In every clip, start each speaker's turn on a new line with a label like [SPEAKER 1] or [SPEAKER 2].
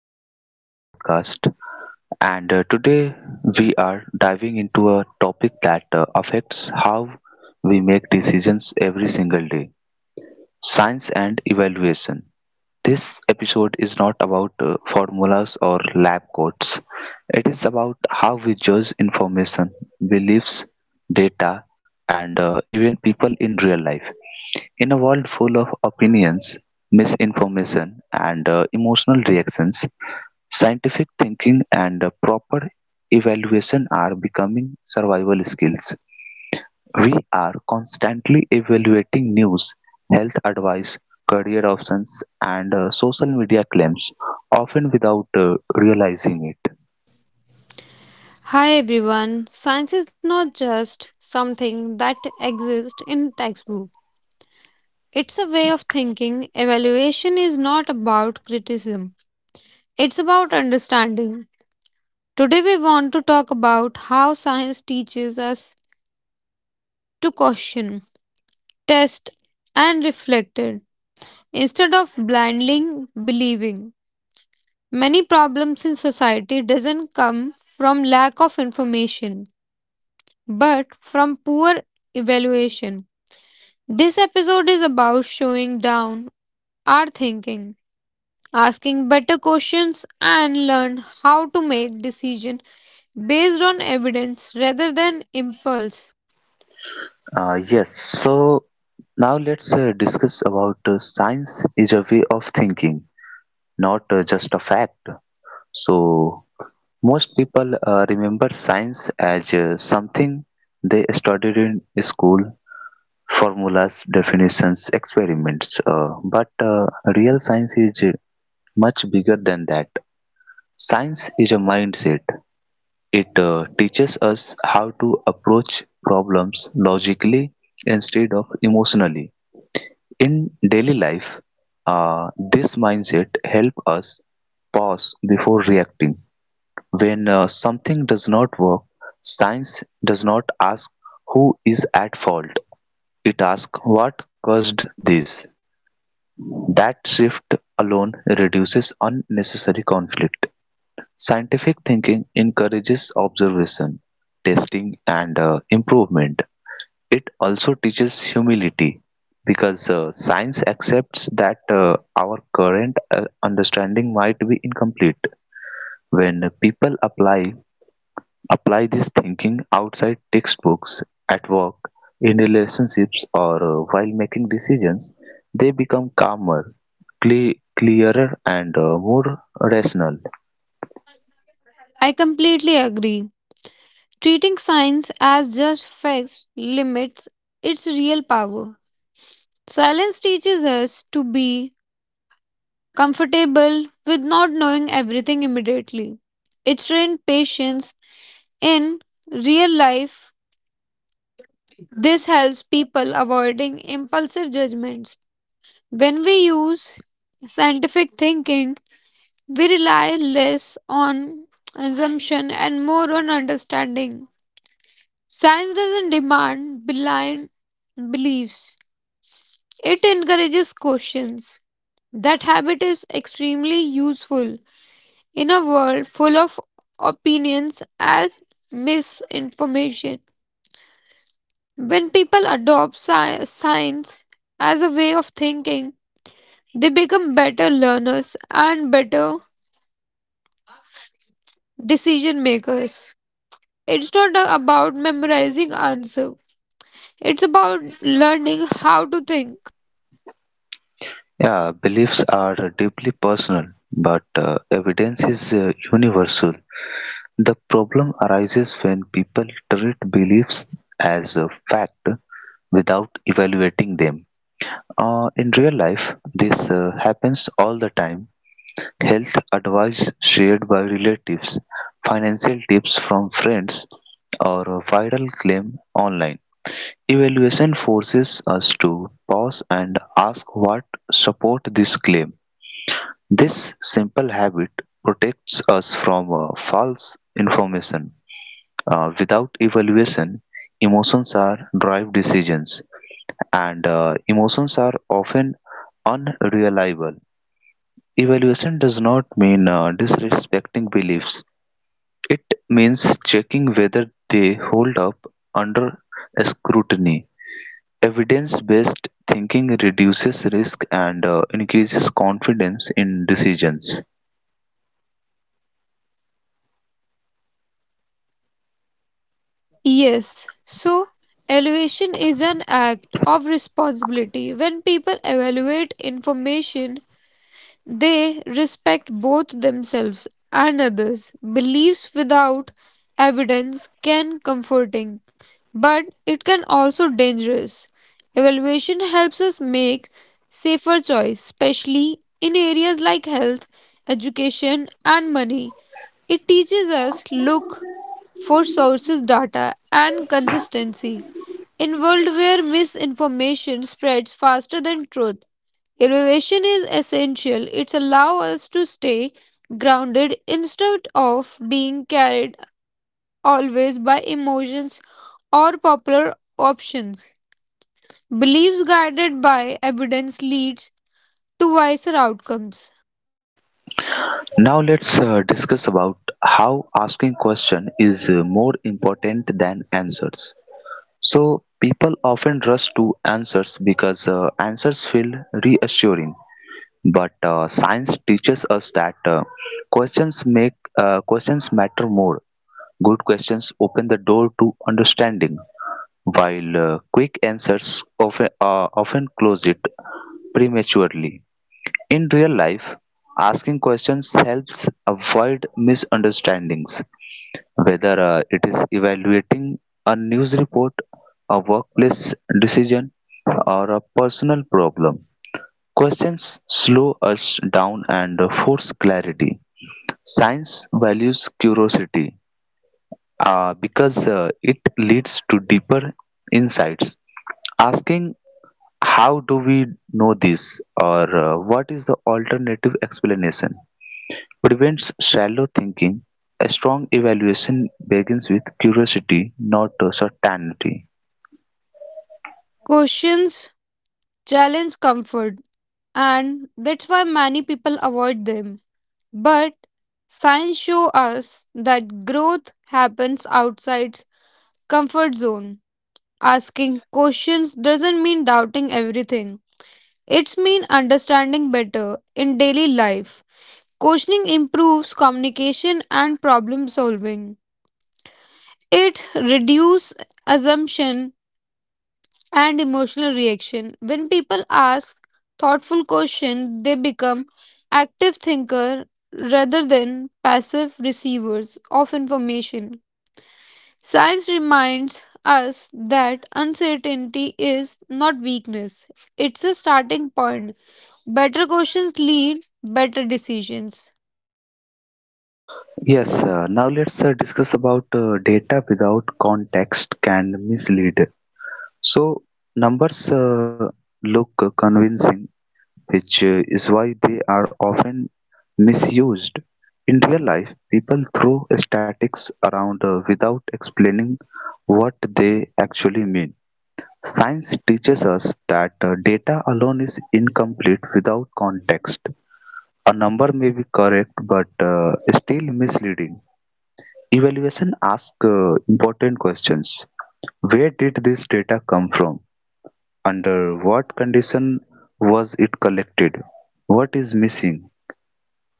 [SPEAKER 1] to the another podcast, and today we are diving into a topic that affects how we make decisions every single day. Science and evaluation. This episode is not about formulas or lab coats. It is about how we judge information, beliefs, data, and even people in real life. In a world full of opinions, misinformation, and emotional reactions, scientific thinking and proper evaluation are becoming survival skills. We are constantly evaluating news, health advice, career options, and social media claims, often without realizing it.
[SPEAKER 2] Hi everyone. Science is not just something that exists in textbook. It's a way of thinking. Evaluation is not about criticism. It's about understanding. Today we want to talk about how science teaches us to question, test and reflect it instead of blindly believing. Many problems in society doesn't come from lack of information but from poor evaluation. This episode is about showing down our thinking, asking better questions, and learn how to make decisions based on evidence rather than impulse.
[SPEAKER 1] Yes, so now let's discuss about science is a way of thinking, not just a fact. So, most people remember science as something they studied in school: formulas, definitions, experiments. But real science is much bigger than that. Science is a mindset. It teaches us how to approach problems logically instead of emotionally. In daily life, this mindset helps us pause before reacting. When something does not work, science does not ask who is at fault. It asks what caused this. That shift alone reduces unnecessary conflict. Scientific thinking encourages observation, testing, and improvement. It also teaches humility, because science accepts that our current understanding might be incomplete. When people apply this thinking outside textbooks, at work, in relationships, or while making decisions, they become calmer, clearer, and more rational.
[SPEAKER 2] I completely agree. Treating science as just facts limits its real power. Silence teaches us to be comfortable with not knowing everything immediately. It trained patience in real life. This helps people avoiding impulsive judgments. When we use scientific thinking, we rely less on assumption and more on understanding. Science doesn't demand blind beliefs, it encourages questions. That habit is extremely useful in a world full of opinions and misinformation. When people adopt science as a way of thinking, they become better learners and better decision makers. It's not about memorizing answer. It's about learning how to think.
[SPEAKER 1] Yeah, beliefs are deeply personal, but evidence is universal. The problem arises when people treat beliefs as a fact without evaluating them. In real life, this happens all the time. Health advice shared by relatives, financial tips from friends, or a viral claim online. Evaluation forces us to pause and ask what support this claim. This simple habit protects us from false information. Without evaluation, emotions are drive decisions, and emotions are often unreliable. Evaluation does not mean disrespecting beliefs. It means checking whether they hold up under scrutiny. Evidence-based thinking reduces risk and increases confidence in decisions.
[SPEAKER 2] Yes. So evaluation is an act of responsibility. When people evaluate information, they respect both themselves and others. Beliefs without evidence can comforting, but it can also dangerous. Evaluation helps us make safer choice, especially in areas like health, education and money. It teaches us look for sources data and consistency. In world where misinformation spreads faster than truth, innovation is essential. It allows us to stay grounded instead of being carried always by emotions or popular options. Beliefs guided by evidence leads to wiser outcomes.
[SPEAKER 1] Now let's discuss about how asking question is more important than answers. So people often rush to answers because answers feel reassuring, but science teaches us that questions make questions matter more. Good questions open the door to understanding, while quick answers often close it prematurely. In real life, asking questions helps avoid misunderstandings, whether it is evaluating a news report, a workplace decision, or a personal problem. Questions slow us down and force clarity. Science values curiosity, because it leads to deeper insights. Asking how do we know this, or what is the alternative explanation, prevents shallow thinking. A strong evaluation begins with curiosity, not certainty.
[SPEAKER 2] Questions challenge comfort and that's why many people avoid them. But science shows us that growth happens outside comfort zone. Asking questions doesn't mean doubting everything. It's mean understanding better in daily life. Questioning improves communication and problem solving. It reduces assumption and emotional reaction. When people ask thoughtful questions, they become active thinker rather than passive receivers of information. Science reminds us that uncertainty is not weakness, it's a starting point. Better questions lead better decisions.
[SPEAKER 1] Yes, now let's discuss about data without context can mislead. So numbers look convincing, which is why they are often misused. In real life, people throw statics around without explaining what they actually mean. Science teaches us that data alone is incomplete without context. A number may be correct but still misleading. Evaluation asks important questions. Where did this data come from? Under what condition was it collected? What is missing?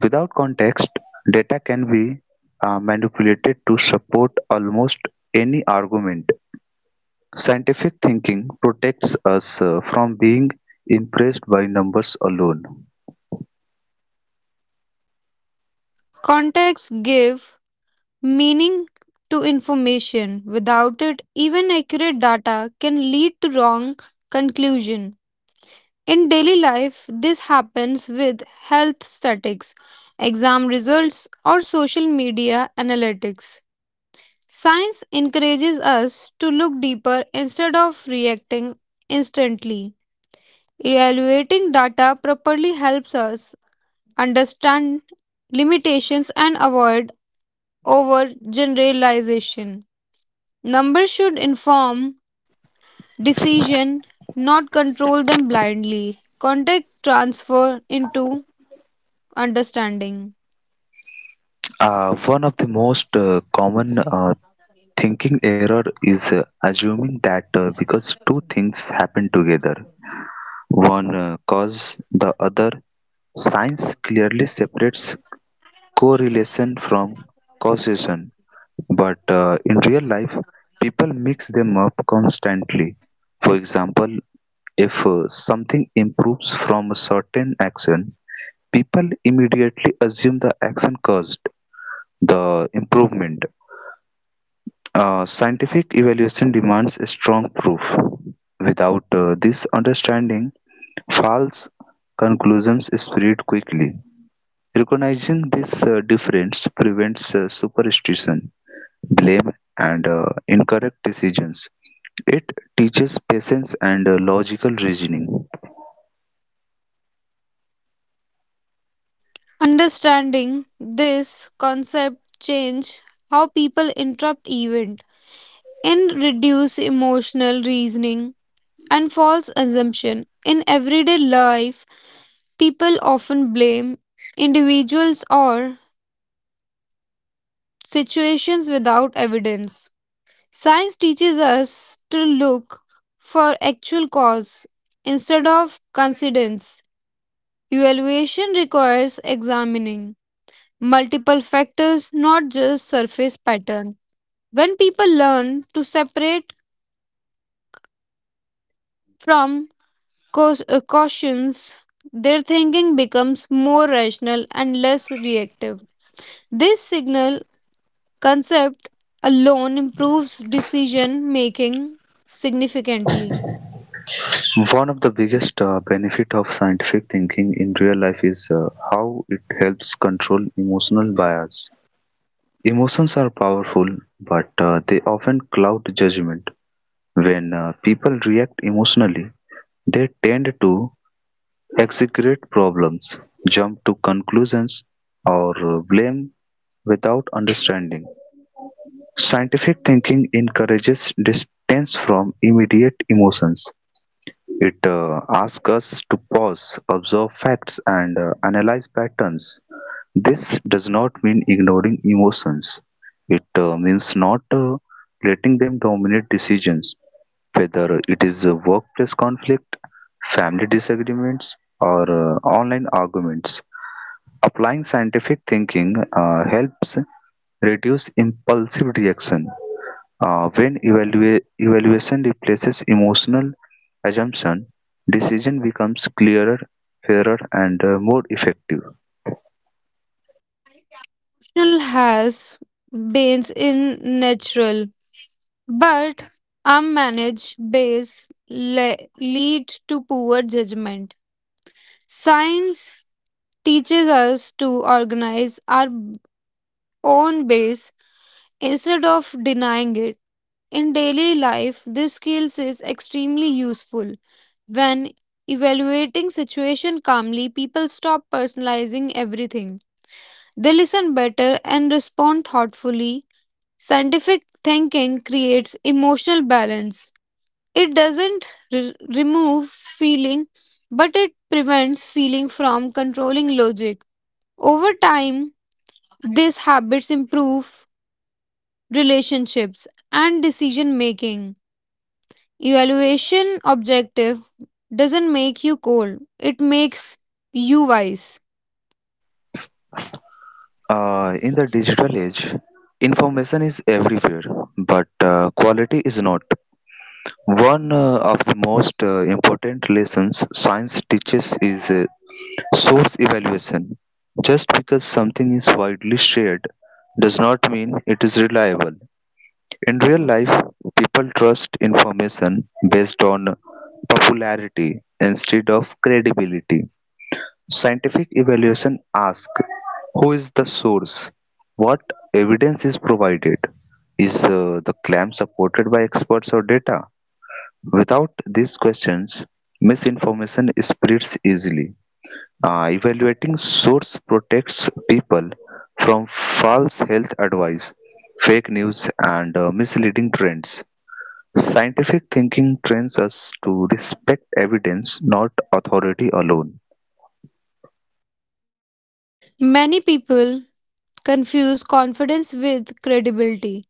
[SPEAKER 1] Without context, data can be manipulated to support almost any argument. Scientific thinking protects us from being impressed by numbers alone.
[SPEAKER 2] Context give meaning to information. Without it, even accurate data can lead to wrong conclusion. In daily life, this happens with health statistics, exam results, or social media analytics. Science encourages us to look deeper instead of reacting instantly. Evaluating data properly helps us understand limitations and avoid overgeneralization. Numbers should inform decision, not control them blindly. Context transfer into understanding.
[SPEAKER 1] One of the most common thinking error is assuming that because two things happen together, one cause, the other. Science clearly separates correlation from causation. But in real life, people mix them up constantly. For example, if something improves from a certain action, people immediately assume the action caused the improvement. Scientific evaluation demands a strong proof. Without this understanding, false conclusions spread quickly. Recognizing this difference prevents superstition, blame, and incorrect decisions. It teaches patience and logical reasoning.
[SPEAKER 2] Understanding this concept change how people interpret events in reduce emotional reasoning and false assumption in everyday life. People often blame individuals or situations without evidence. Science teaches us to look for actual cause instead of coincidence. Evaluation requires examining multiple factors not just surface pattern. When people learn to separate from cautions, their thinking becomes more rational and less reactive. This signal concept alone improves decision making significantly.
[SPEAKER 1] One of the biggest benefit of scientific thinking in real life is how it helps control emotional bias. Emotions are powerful, but they often cloud judgment. When people react emotionally, they tend to exaggerate problems, jump to conclusions, or blame without understanding. Scientific thinking encourages distance from immediate emotions. It asks us to pause, observe facts, and analyze patterns. This does not mean ignoring emotions. It means not letting them dominate decisions, whether it is a workplace conflict, family disagreements, or online arguments. Applying scientific thinking helps reduce impulsive reaction. When evaluation replaces emotional assumption, decision becomes clearer, fairer, and more effective.
[SPEAKER 2] Rational has banes in natural, but unmanaged base lead to poor judgment. Science teaches us to organize our own base instead of denying it. In daily life, this skills is extremely useful. When evaluating situation calmly, people stop personalizing everything. They listen better and respond thoughtfully. Scientific thinking creates emotional balance. It doesn't remove feeling, but it prevents feeling from controlling logic. Over time, these habits improve relationships and decision making. Evaluation objective doesn't make you cold, it makes you wise.
[SPEAKER 1] In the digital age, information is everywhere, but quality is not. One of the most important lessons science teaches is source evaluation. Just because something is widely shared does not mean it is reliable. In real life, people trust information based on popularity instead of credibility. Scientific evaluation asks who is the source? What evidence is provided? Is the claim supported by experts or data? Without these questions, misinformation spreads easily. Evaluating source protects people from false health advice, fake news, and misleading trends. Scientific thinking trains us to respect evidence, not authority alone.
[SPEAKER 2] Many people confuse confidence with credibility.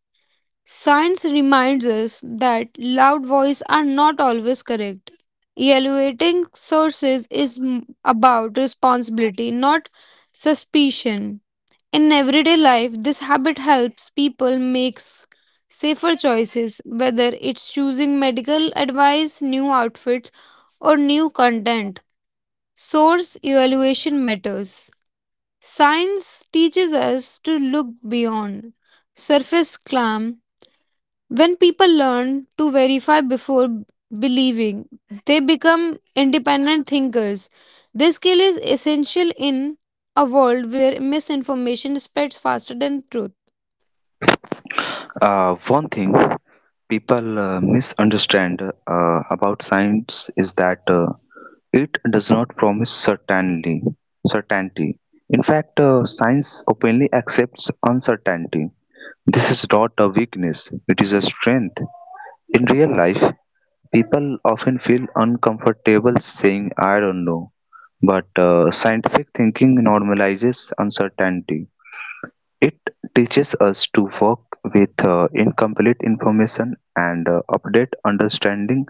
[SPEAKER 2] Science reminds us that loud voices are not always correct. Evaluating sources is about responsibility, not suspicion. In everyday life, this habit helps people make safer choices, whether it's choosing medical advice, new outfits, or new content. Source evaluation matters. Science teaches us to look beyond surface clam. When people learn to verify before believing, they become independent thinkers. This skill is essential in a world where misinformation spreads faster than truth.
[SPEAKER 1] One thing people misunderstand about science is that it does not promise certainty. In fact, science openly accepts uncertainty. This is not a weakness; it is a strength. In real life, people often feel uncomfortable saying I don't know, but scientific thinking normalizes uncertainty. It teaches us to work with incomplete information and update understanding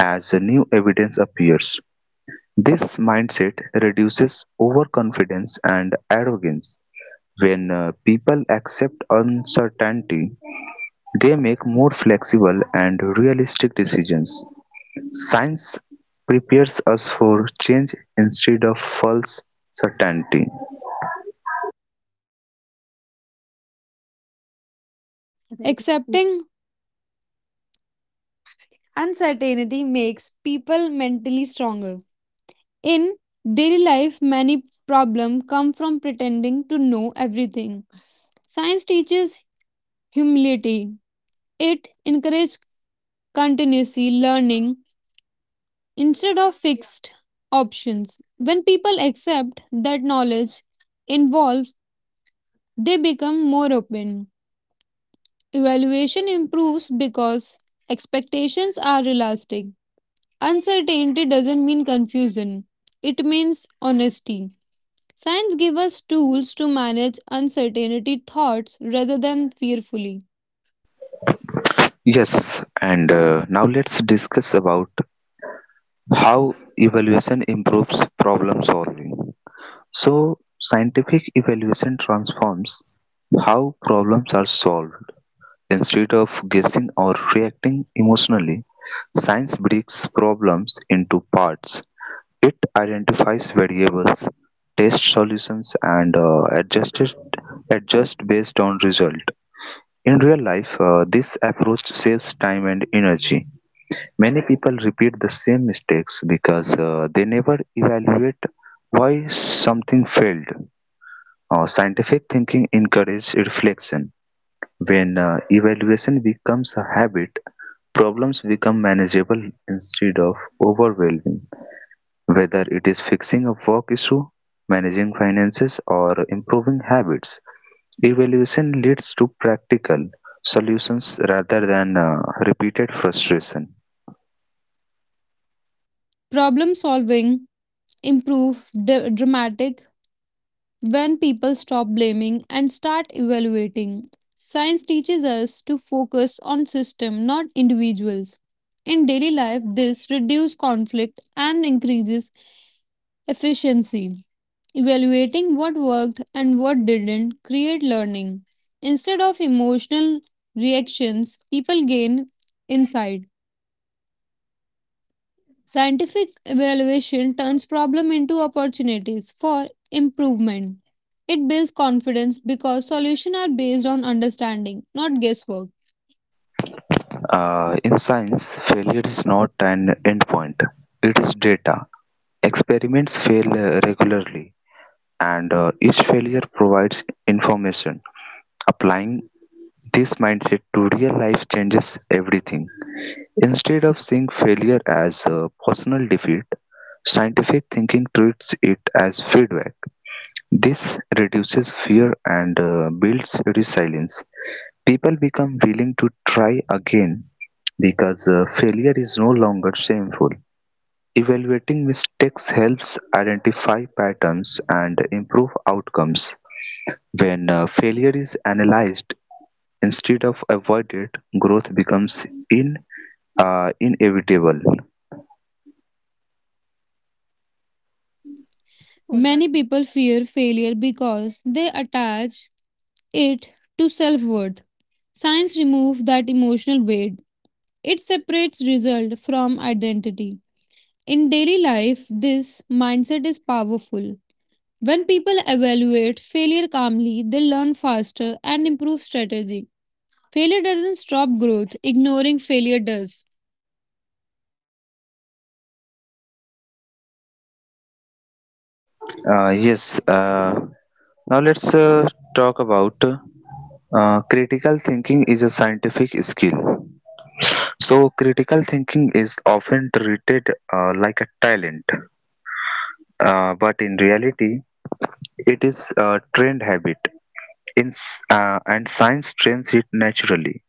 [SPEAKER 1] as new evidence appears. This mindset reduces overconfidence and arrogance. When people accept uncertainty, they make more flexible and realistic decisions. Science prepares us for change instead of false certainty.
[SPEAKER 2] Accepting uncertainty makes people mentally stronger. In daily life, many problems come from pretending to know everything. Science teaches humility. It encourages continuously learning instead of fixed options. When people accept that knowledge involves, they become more open. Evaluation improves because expectations are realistic. Uncertainty doesn't mean confusion, it means honesty. Science gives us tools to manage uncertainty thoughts rather than fearfully.
[SPEAKER 1] Yes, and now let's discuss about how evaluation improves problem solving. So, scientific evaluation transforms how problems are solved. Instead of guessing or reacting emotionally, science breaks problems into parts. It identifies variables, tests solutions, and adjusts adjust based on result. In real life, this approach saves time and energy. Many people repeat the same mistakes because they never evaluate why something failed. Scientific thinking encourages reflection. When evaluation becomes a habit, problems become manageable instead of overwhelming, whether it is fixing a work issue, managing finances, or improving habits. Evaluation leads to practical solutions rather than repeated frustration.
[SPEAKER 2] Problem solving improves dramatic when people stop blaming and start evaluating. Science teaches us to focus on system not individuals. In daily life this reduces conflict and increases efficiency. Evaluating what worked and what didn't create learning. Instead of emotional reactions, people gain insight. Scientific evaluation turns problem into opportunities for improvement. It builds confidence because solutions are based on understanding, not guesswork.
[SPEAKER 1] In science, failure is not an endpoint, it is data. Experiments fail regularly, and each failure provides information. Applying this mindset to real life changes everything. Instead of seeing failure as a personal defeat, scientific thinking treats it as feedback. This reduces fear and builds resilience. People become willing to try again because failure is no longer shameful. Evaluating mistakes helps identify patterns and improve outcomes. When failure is analyzed instead of avoided, growth becomes inevitable.
[SPEAKER 2] Many people fear failure because they attach it to self-worth. Science removes that emotional weight. It separates result from identity. In daily life, this mindset is powerful. When people evaluate failure calmly, they learn faster and improve strategy. Failure doesn't stop growth, ignoring failure does.
[SPEAKER 1] Uh, yes. Uh, Now let's talk about critical thinking is a scientific skill. So critical thinking is often treated like a talent, but in reality, it is a trained habit. And science trains it naturally.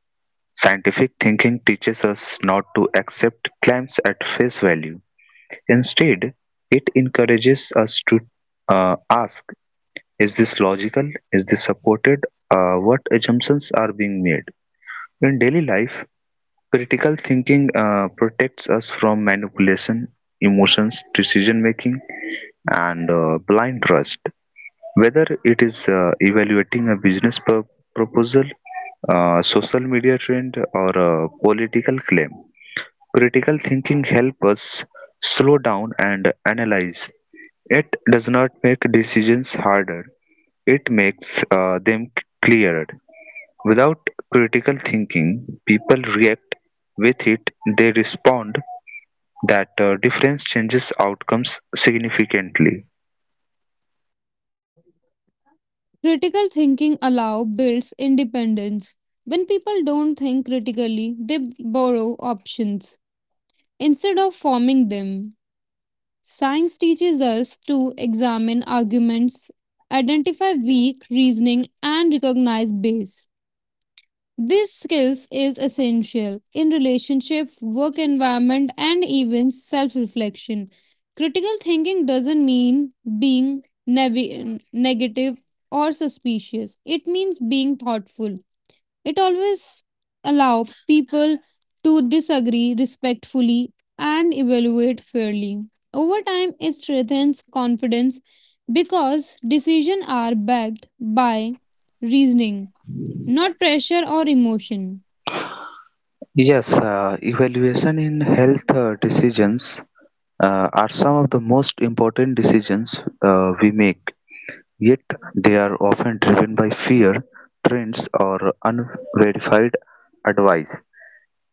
[SPEAKER 1] Scientific thinking teaches us not to accept claims at face value. Instead, it encourages us to ask, is this logical? Is this supported? What assumptions are being made? In daily life, critical thinking protects us from manipulation, emotions, decision making, and blind trust. Whether it is evaluating a business proposal, social media trend, or a political claim, critical thinking helps us slow down and analyze. It does not make decisions harder. It makes them clearer. Without critical thinking, people react; with it they respond. That difference changes outcomes significantly.
[SPEAKER 2] Critical thinking allow builds independence. When people don't think critically, they borrow options instead of forming them. Science teaches us to examine arguments, identify weak reasoning, and recognize bias. These skills is essential in relationship, work environment, and even self-reflection. Critical thinking doesn't mean being negative or suspicious. It means being thoughtful it always allow people to disagree respectfully and evaluate fairly. Over time, it strengthens confidence because decisions are backed by reasoning, not pressure or emotion.
[SPEAKER 1] Yes, evaluation in health decisions are some of the most important decisions we make, yet they are often driven by fear, trends, or unverified advice.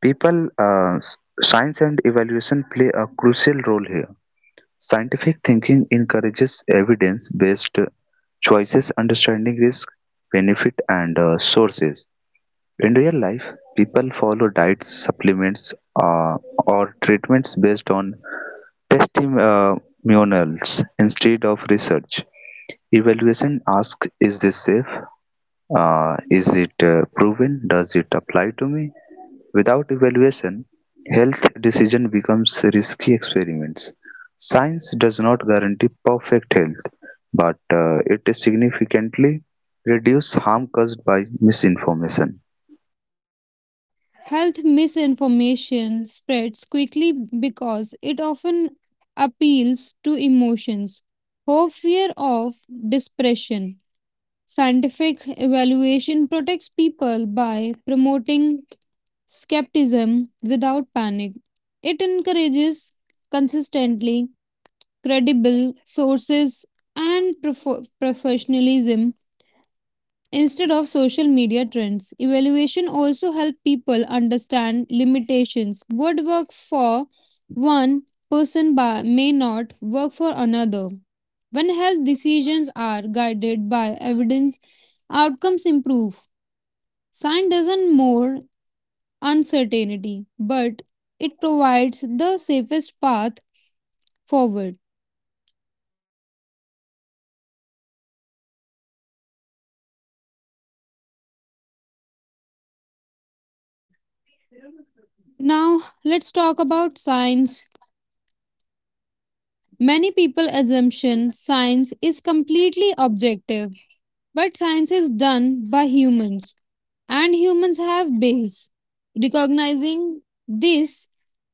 [SPEAKER 1] People, uh, s- Science and evaluation play a crucial role here. Scientific thinking encourages evidence based choices, understanding risk, benefit, and sources. In real life, people follow diets, supplements, uh, or treatments based on testimonials instead of research. Evaluation asks, is this safe? Is it proven? Does it apply to me? Without evaluation, health decision becomes risky experiments. Science does not guarantee perfect health, but it significantly reduces harm caused by misinformation.
[SPEAKER 2] Health misinformation spreads quickly because it often appeals to emotions, hope, fear of depression. Scientific evaluation protects people by promoting skepticism without panic. It encourages consistently credible sources and professionalism instead of social media trends. Evaluation also help people understand limitations. What work for one person by, may not work for another. When health decisions are guided by evidence, outcomes improve. Science doesn't more uncertainty, but it provides the safest path forward. Now let's talk about science. Many people assumption science is completely objective. But science is done by humans, and humans have bias. Recognizing this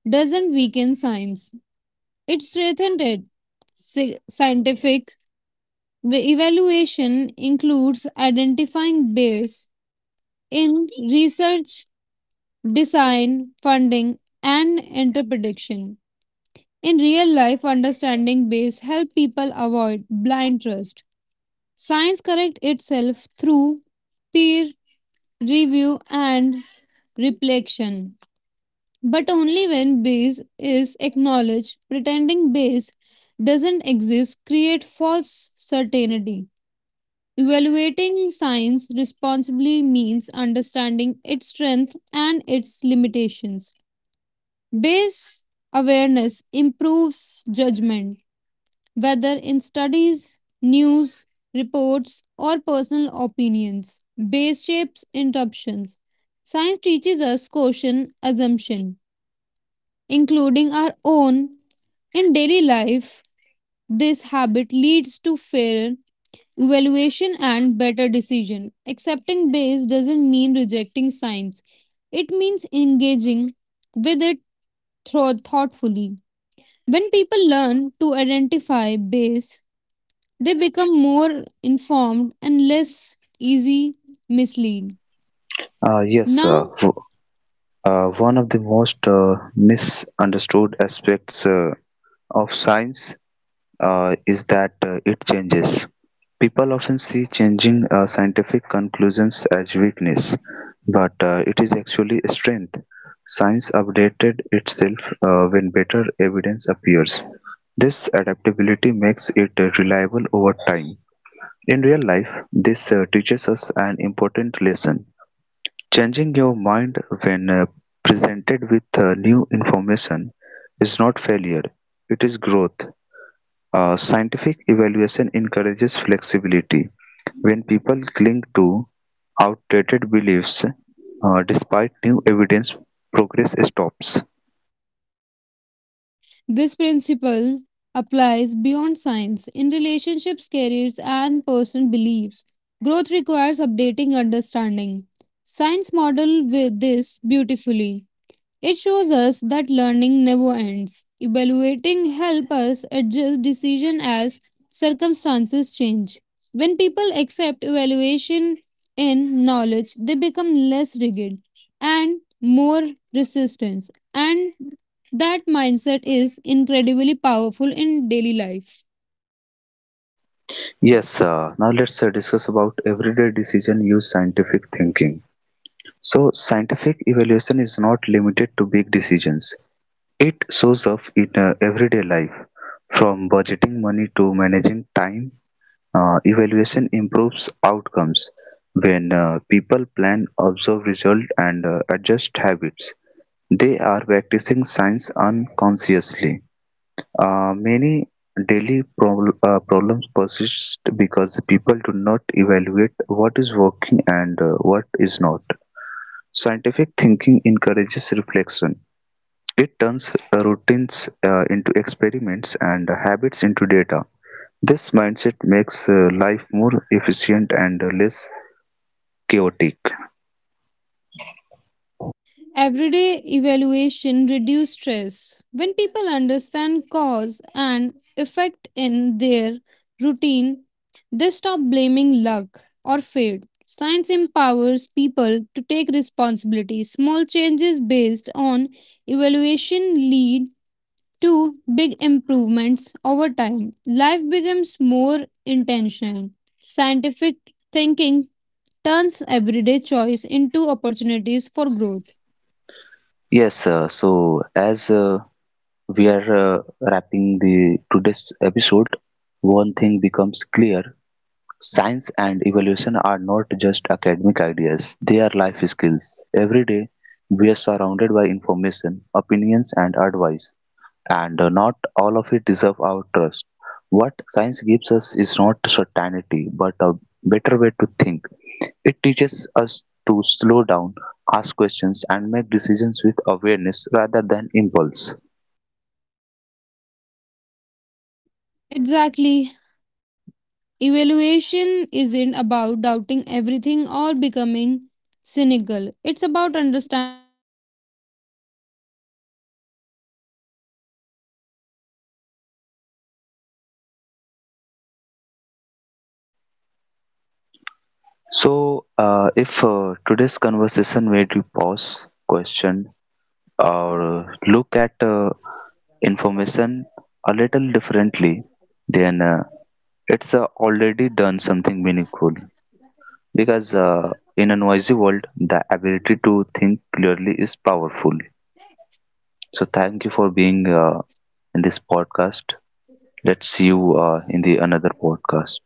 [SPEAKER 2] doesn't weaken science, it strengthens it. Scientific evaluation includes identifying bias in research, design, funding, and interpretation. In real life, understanding bias help people avoid blind trust. Science corrects itself through peer review, and reflection. But only when base is acknowledged, pretending base doesn't exist create false certainty. Evaluating science responsibly means understanding its strength and its limitations. Base awareness improves judgment whether in studies, news, reports, or personal opinions. Base shapes interruptions. Science teaches us caution, assumption, including our own. In daily life, this habit leads to fairer evaluation and better decision. Accepting base doesn't mean rejecting science. It means engaging with it thoughtfully. When people learn to identify base, they become more informed and less easy mislead.
[SPEAKER 1] Uh, yes, uh,
[SPEAKER 2] Now,
[SPEAKER 1] w- One of the most misunderstood aspects of science is that it changes. People often see changing scientific conclusions as weakness, but it is actually a strength. Science updated itself when better evidence appears. This adaptability makes it reliable over time. In real life, this teaches us an important lesson. Changing your mind when presented with new information is not failure, it is growth. Scientific evaluation encourages flexibility. When people cling to outdated beliefs despite new evidence, progress stops.
[SPEAKER 2] this principle applies beyond science in relationships, careers, and personal beliefs. Growth requires updating understanding. Science model with this beautifully. It shows us that learning never ends. Evaluating help us adjust decision as circumstances change. When people accept evaluation in knowledge, they become less rigid and more resistance and that mindset is incredibly powerful in daily life.
[SPEAKER 1] Yes, now let's discuss about everyday decision use scientific thinking. So, scientific evaluation is not limited to big decisions. It shows up in everyday life, from budgeting money to managing time. Evaluation improves outcomes when people plan, observe result, and adjust habits. They are practicing science unconsciously. Many daily problems persist because people do not evaluate what is working and what is not. Scientific thinking encourages reflection. It turns routines into experiments and habits into data. This mindset makes life more efficient and less chaotic.
[SPEAKER 2] Everyday evaluation reduce stress. When people understand cause and effect in their routine, they stop blaming luck or fate. Science empowers people to take responsibility. Small changes based on evaluation lead to big improvements over time. Life becomes more intentional. Scientific thinking turns everyday choice into opportunities for growth.
[SPEAKER 1] Yes, so as we are wrapping the today's episode, one thing becomes clear: science and evolution are not just academic ideas; they are life skills. Every day, we are surrounded by information, opinions, and advice, and not all of it deserve our trust. What science gives us is not certainty, but a better way to think. It teaches us to slow down, ask questions, and make decisions with awareness rather than impulse.
[SPEAKER 2] Exactly. Evaluation isn't about doubting everything or becoming cynical. It's about understanding before accepting.
[SPEAKER 1] So, if today's conversation made you pause, question, or look at information a little differently, then it's already done something meaningful, because in a noisy world the ability to think clearly is powerful. So thank you for being in this podcast. Let's see you in the another podcast.